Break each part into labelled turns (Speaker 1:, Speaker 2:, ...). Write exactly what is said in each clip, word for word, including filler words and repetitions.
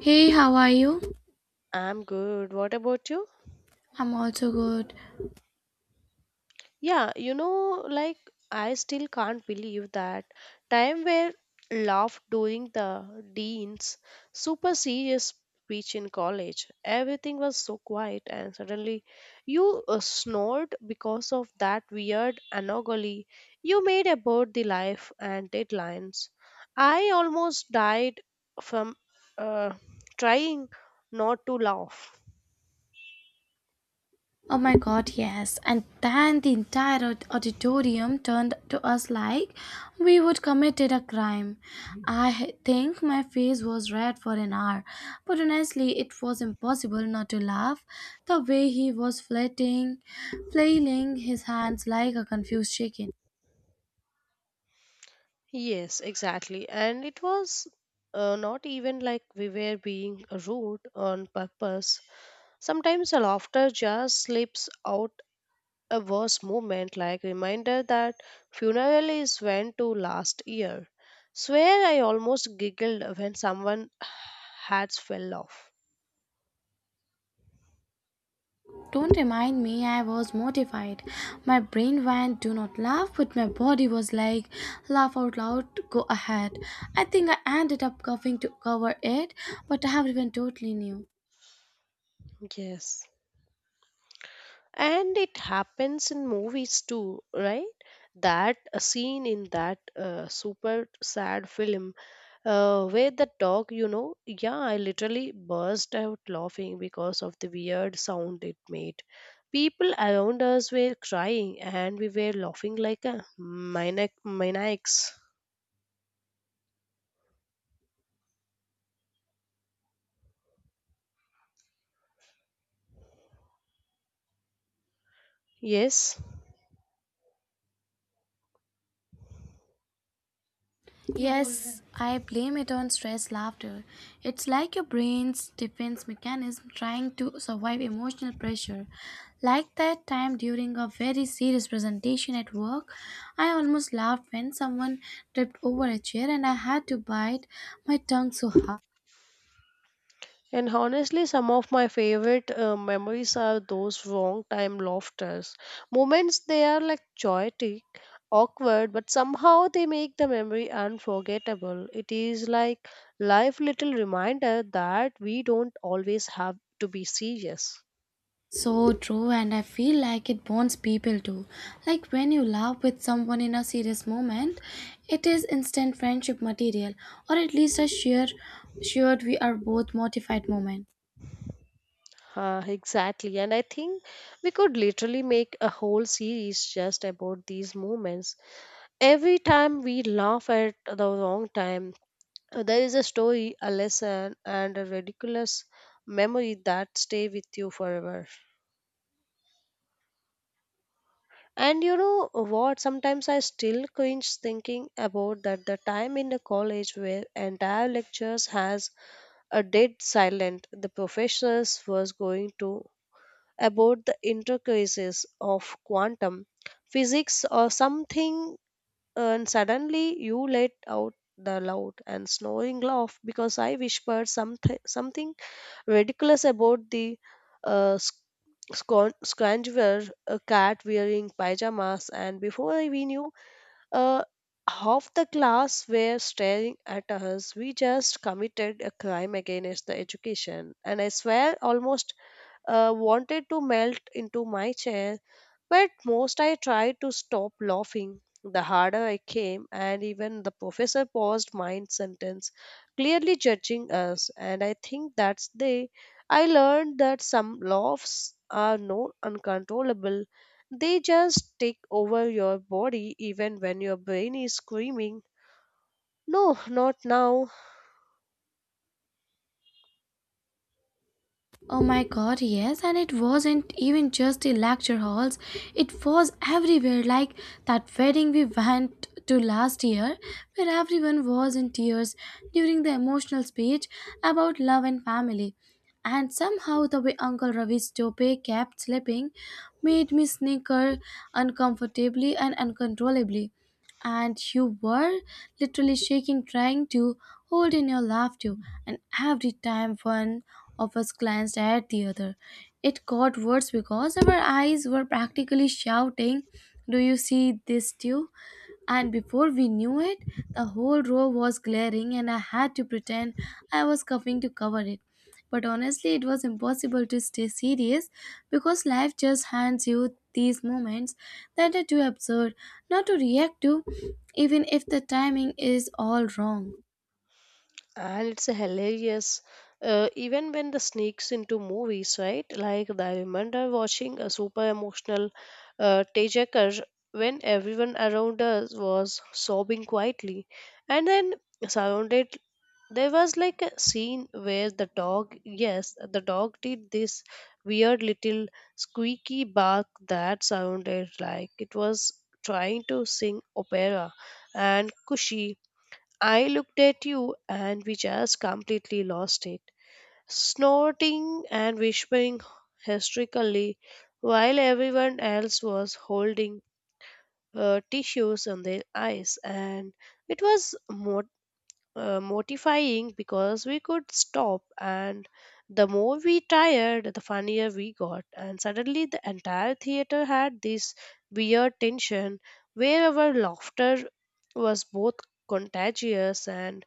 Speaker 1: Hey, how are you?
Speaker 2: I'm good. What about you?
Speaker 1: I'm also good.
Speaker 2: Yeah, you know, like I still can't believe that time where laughed during the dean's super serious speech in college. Everything was so quiet, and suddenly you uh, snored because of that weird anomaly you made about the life and deadlines. I almost died from uh, trying not to laugh.
Speaker 1: Oh my god, yes. And then the entire aud- auditorium turned to us like we would committed a crime. I h- think my face was red for an hour, but honestly, it was impossible not to laugh. The way he was flirting, flailing his hands like a confused chicken.
Speaker 2: Yes, exactly. And it was uh, not even like we were being rude on purpose. Sometimes the laughter just slips out a worse moment, like reminder that funeral is when to last year. Swear I almost giggled when someone hats fell off.
Speaker 1: Don't remind me, I was mortified. My brain went, do not laugh, but my body was like, laugh out loud, go ahead. I think I ended up coughing to cover it, but everyone totally knew.
Speaker 2: Yes. And it happens in movies too, right? That a scene in that uh, super sad film Uh, with the dog, you know, yeah, I literally burst out laughing because of the weird sound it made. People around us were crying and we were laughing like a maniac maniacs. Yes.
Speaker 1: Yes, I blame it on stress laughter. It's like your brain's defense mechanism trying to survive emotional pressure. Like that time during a very serious presentation at work, I almost laughed when someone tripped over a chair and I had to bite my tongue so hard.
Speaker 2: And honestly, some of my favorite uh, memories are those wrong time laughters. Moments they are like chaotic, awkward, but somehow they make the memory unforgettable. It is like life little reminder that we don't always have to be serious.
Speaker 1: So true, and I feel like it bonds people too. Like when you laugh with someone in a serious moment, it is instant friendship material, or at least a sheer, shared we are both mortified moment.
Speaker 2: Uh, exactly, and I think we could literally make a whole series just about these moments every time we laugh at the wrong time. Uh, There is a story, a lesson, and a ridiculous memory that stay with you forever. And you know what? Sometimes I still cringe thinking about that the time in the college where entire lectures has a dead silent. The professors was going to about the intricacies of quantum physics or something, and suddenly you let out the loud and snoring laugh because I whispered something something ridiculous about the uh, sc- scon- scroungeware, a cat wearing pajamas, and before I- we knew, uh, half the class were staring at us. We just committed a crime against the education, and I swear, almost uh, wanted to melt into my chair but most I tried to stop laughing. The harder I came, and even the professor paused mid sentence, clearly judging us. And I think that's the I learned that some laughs are not uncontrollable. They just take over your body even when your brain is screaming, no, not now.
Speaker 1: Oh my god, yes, and it wasn't even just the lecture halls, it was everywhere, like that wedding we went to last year, where everyone was in tears during the emotional speech about love and family. And somehow, the way Uncle Ravi's tope kept slipping made me snicker uncomfortably and uncontrollably. And you were literally shaking, trying to hold in your laughter, and every time one of us glanced at the other. It got worse because our eyes were practically shouting, do you see this too? And before we knew it, the whole row was glaring, and I had to pretend I was coughing to cover it. But honestly, it was impossible to stay serious because life just hands you these moments that are too absurd not to react to, even if the timing is all wrong.
Speaker 2: And it's hilarious uh, even when the sneaks into movies, right? Like I remember watching a super emotional uh, tejakar when everyone around us was sobbing quietly and then surrounded there was like a scene where the dog, yes the dog did this weird little squeaky bark that sounded like it was trying to sing opera and kushi I looked at you and we just completely lost it. Snorting and whispering hysterically while everyone else was holding uh, tissues on their eyes. And it was mot- uh, mortifying because we could stop, and the more we tired, the funnier we got. And suddenly, the entire theater had this weird tension where our laughter was both contagious and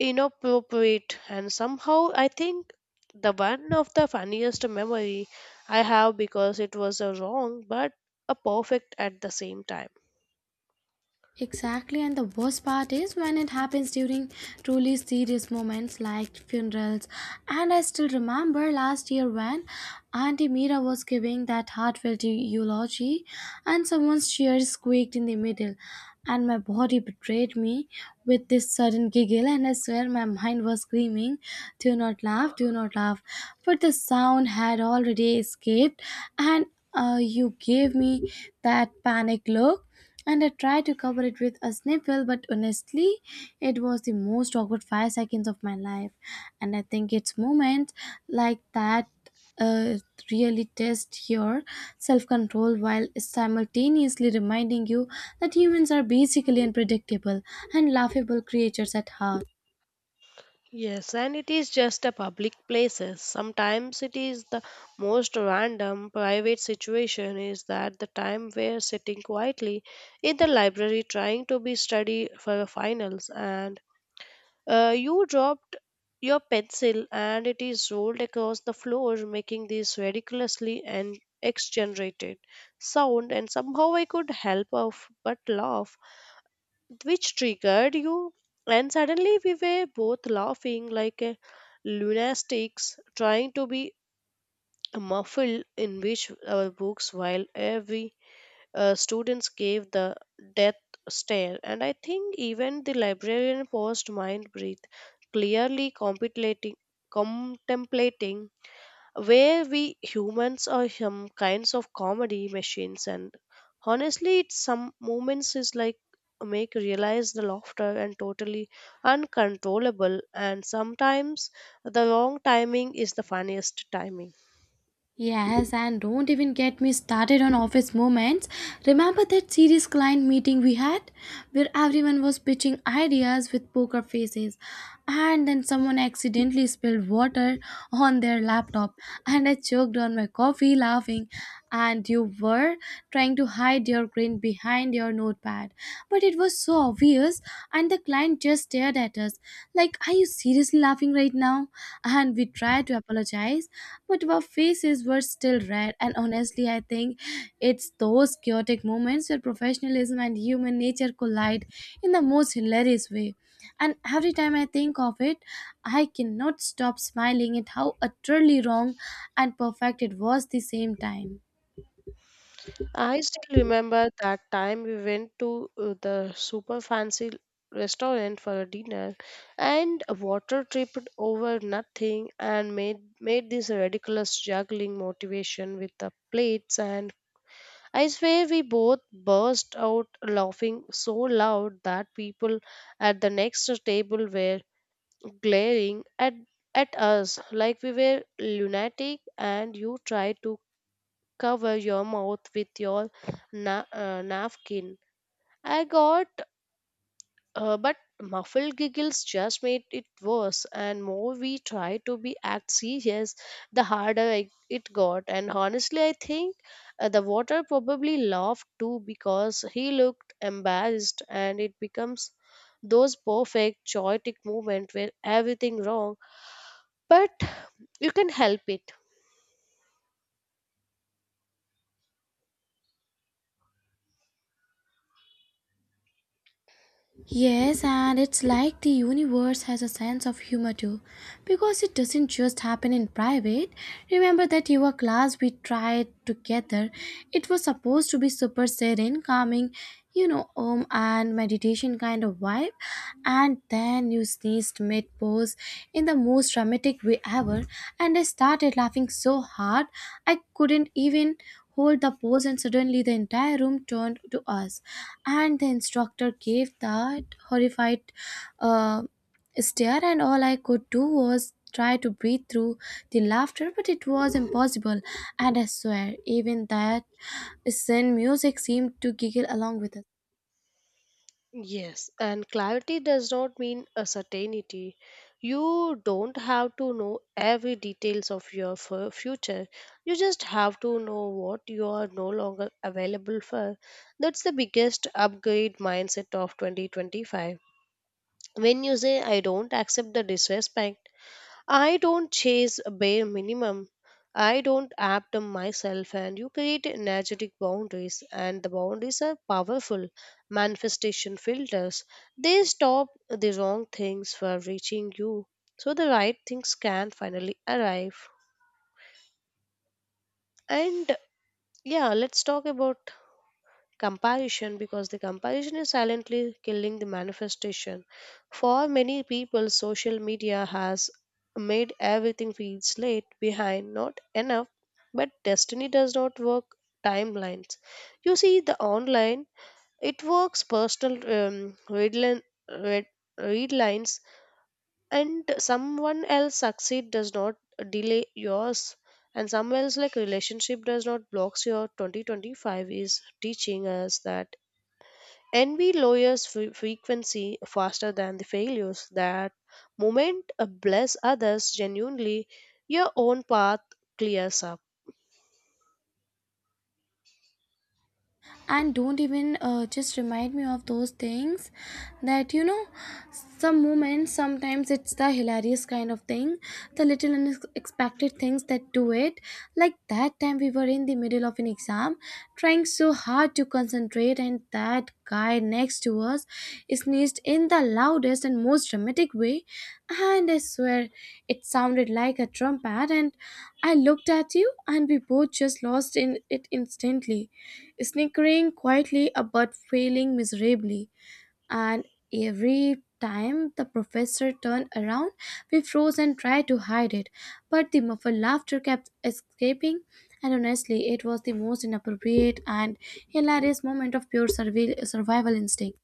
Speaker 2: inappropriate and somehow I think the one of the funniest memory I have because it was a wrong but a perfect at the same time.
Speaker 1: Exactly, and the worst part is when it happens during truly serious moments like funerals. And I still remember last year when Auntie Mira was giving that heartfelt eulogy, and someone's chair squeaked in the middle, and my body betrayed me with this sudden giggle. And I swear my mind was screaming, do not laugh, do not laugh. But the sound had already escaped, and uh, you gave me that panic look and I tried to cover it with a sniffle, but honestly, it was the most awkward five seconds of my life. And I think it's moments like that uh, really test your self control while simultaneously reminding you that humans are basically unpredictable and laughable creatures at heart.
Speaker 2: Yes, and it is just a public places sometimes it is the most random private situation is that the time we're sitting quietly in the library trying to be study for the finals and Uh, you dropped your pencil and it is rolled across the floor, making this ridiculously and exaggerated sound. And somehow I could help of but laugh, which triggered you. And suddenly we were both laughing like a lunatics, trying to be muffled in which our books while every uh, students gave the death stare, and I think even the librarian paused, mind breathe, clearly contemplating, contemplating where we humans are some kinds of comedy machines. And honestly, it's some moments is like make realize the laughter and totally uncontrollable, and sometimes the wrong timing is the funniest timing.
Speaker 1: Yes, and don't even get me started on office moments. Remember that serious client meeting we had where everyone was pitching ideas with poker faces and then someone accidentally spilled water on their laptop and I choked on my coffee laughing and you were trying to hide your grin print behind your notepad. But it was so obvious, and the client just stared at us like, are you seriously laughing right now? And we tried to apologize, but our faces were still red. And honestly, I think it's those chaotic moments where professionalism and human nature collide in the most hilarious way. And every time I think of it, I cannot stop smiling at how utterly wrong and perfect it was at the same time.
Speaker 2: I still remember that time we went to uh, the super fancy restaurant for a dinner and water tripped over nothing and made made this ridiculous juggling motivation with the plates and I swear we both burst out laughing so loud that people at the next table were glaring at at us like we were lunatic and you tried to cover your mouth with your na- uh, napkin. I got, uh, but muffled giggles just made it worse. And more we tried to be act serious, the harder I, it got. And honestly, I think uh, the water probably laughed too because he looked embarrassed, and it becomes those perfect chaotic moment where everything wrong, but you can help it.
Speaker 1: Yes, and it's like the universe has a sense of humor too, because it doesn't just happen in private. Remember that your class we tried together, it was supposed to be super serene, calming, you know, um, and meditation kind of vibe, and then you sneezed mid pose in the most dramatic way ever, and I started laughing so hard I couldn't even hold the pose and suddenly the entire room turned to us and the instructor gave that horrified uh, stare and all I could do was try to breathe through the laughter but it was impossible and I swear even that sin music seemed to giggle along with us
Speaker 2: Yes, and clarity does not mean a certainty. You don't have to know every details of your fu- future. You just have to know what you are no longer available for. That's the biggest upgrade mindset of twenty twenty-five. When you say I don't accept the disrespect, I don't chase a bare minimum. I don't adapt them myself and you create energetic boundaries and the boundaries are powerful manifestation filters. They stop the wrong things from reaching you so the right things can finally arrive. And yeah, let's talk about comparison because the comparison is silently killing the manifestation for many people. Social media has made everything feels late behind not enough but destiny does not work timelines. You see the online it works personal um, red, line, red, read lines and someone else succeed does not delay yours and someone else like relationship does not blocks your twenty twenty-five is teaching us that envy lowers fre- frequency faster than the failures. That moment uh, bless others genuinely, your own path clears up.
Speaker 1: and don't even uh, just remind me of those things that you know some moments sometimes it's the hilarious kind of thing the little unexpected things that do it like that time we were in the middle of an exam trying so hard to concentrate and that guy next to us sneezed in the loudest and most dramatic way and I swear it sounded like a trumpet and I looked at you and we both just lost in it instantly snickering quietly but failing miserably. And every time the professor turned around, we froze and tried to hide it. But the muffled laughter kept escaping, and honestly, it was the most inappropriate and hilarious moment of pure survi- survival instinct.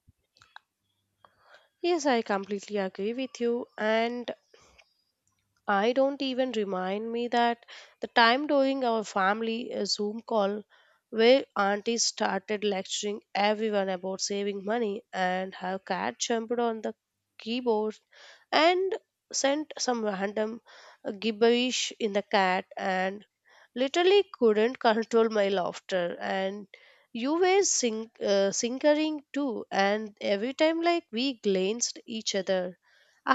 Speaker 2: Yes, I completely agree with you. And I don't even remind me that the time during our family uh, Zoom call where auntie started lecturing everyone about saving money and her cat jumped on the keyboard and sent some random uh, gibberish in the cat and literally couldn't control my laughter and you were sing- uh, sinkering too and every time like we glanced each other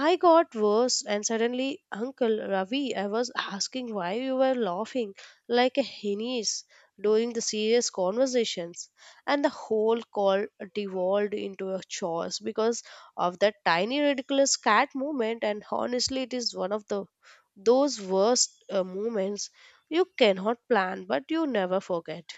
Speaker 2: I got worse and suddenly uncle ravi I was asking why you were laughing like a hyenas during the serious conversations and the whole call devolved into a chores because of that tiny ridiculous cat moment and honestly it is one of the those worst uh, moments you cannot plan, but you never forget.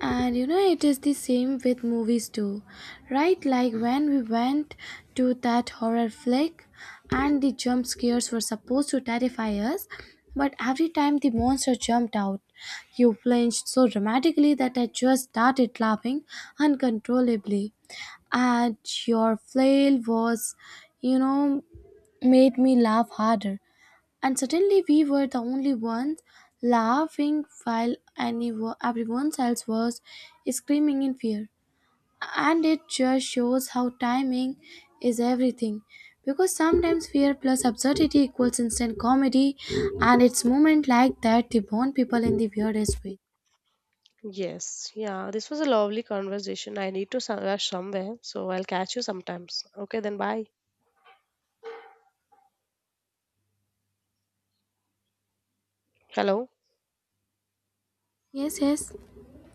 Speaker 1: And you know, it is the same with movies too, right? Like when we went to that horror flick and the jump scares were supposed to terrify us, but every time the monster jumped out, you flinched so dramatically that I just started laughing uncontrollably. And your flail was, you know, made me laugh harder. And suddenly we were the only ones laughing while anyone everyone else was screaming in fear. And it just shows how timing is everything. Because sometimes fear plus absurdity equals instant comedy, and it's moment like that they bond people in the weirdest way.
Speaker 2: Yes, yeah, this was a lovely conversation. I need to so- rush somewhere, so I'll catch you sometimes. Okay, then bye. Hello?
Speaker 1: Yes, yes.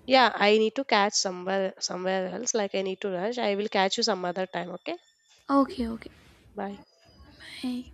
Speaker 2: Yeah, I need to catch somewhere somewhere else. Like I need to rush. I will catch you some other time, okay?
Speaker 1: Okay, okay.
Speaker 2: Bye.
Speaker 1: Bye.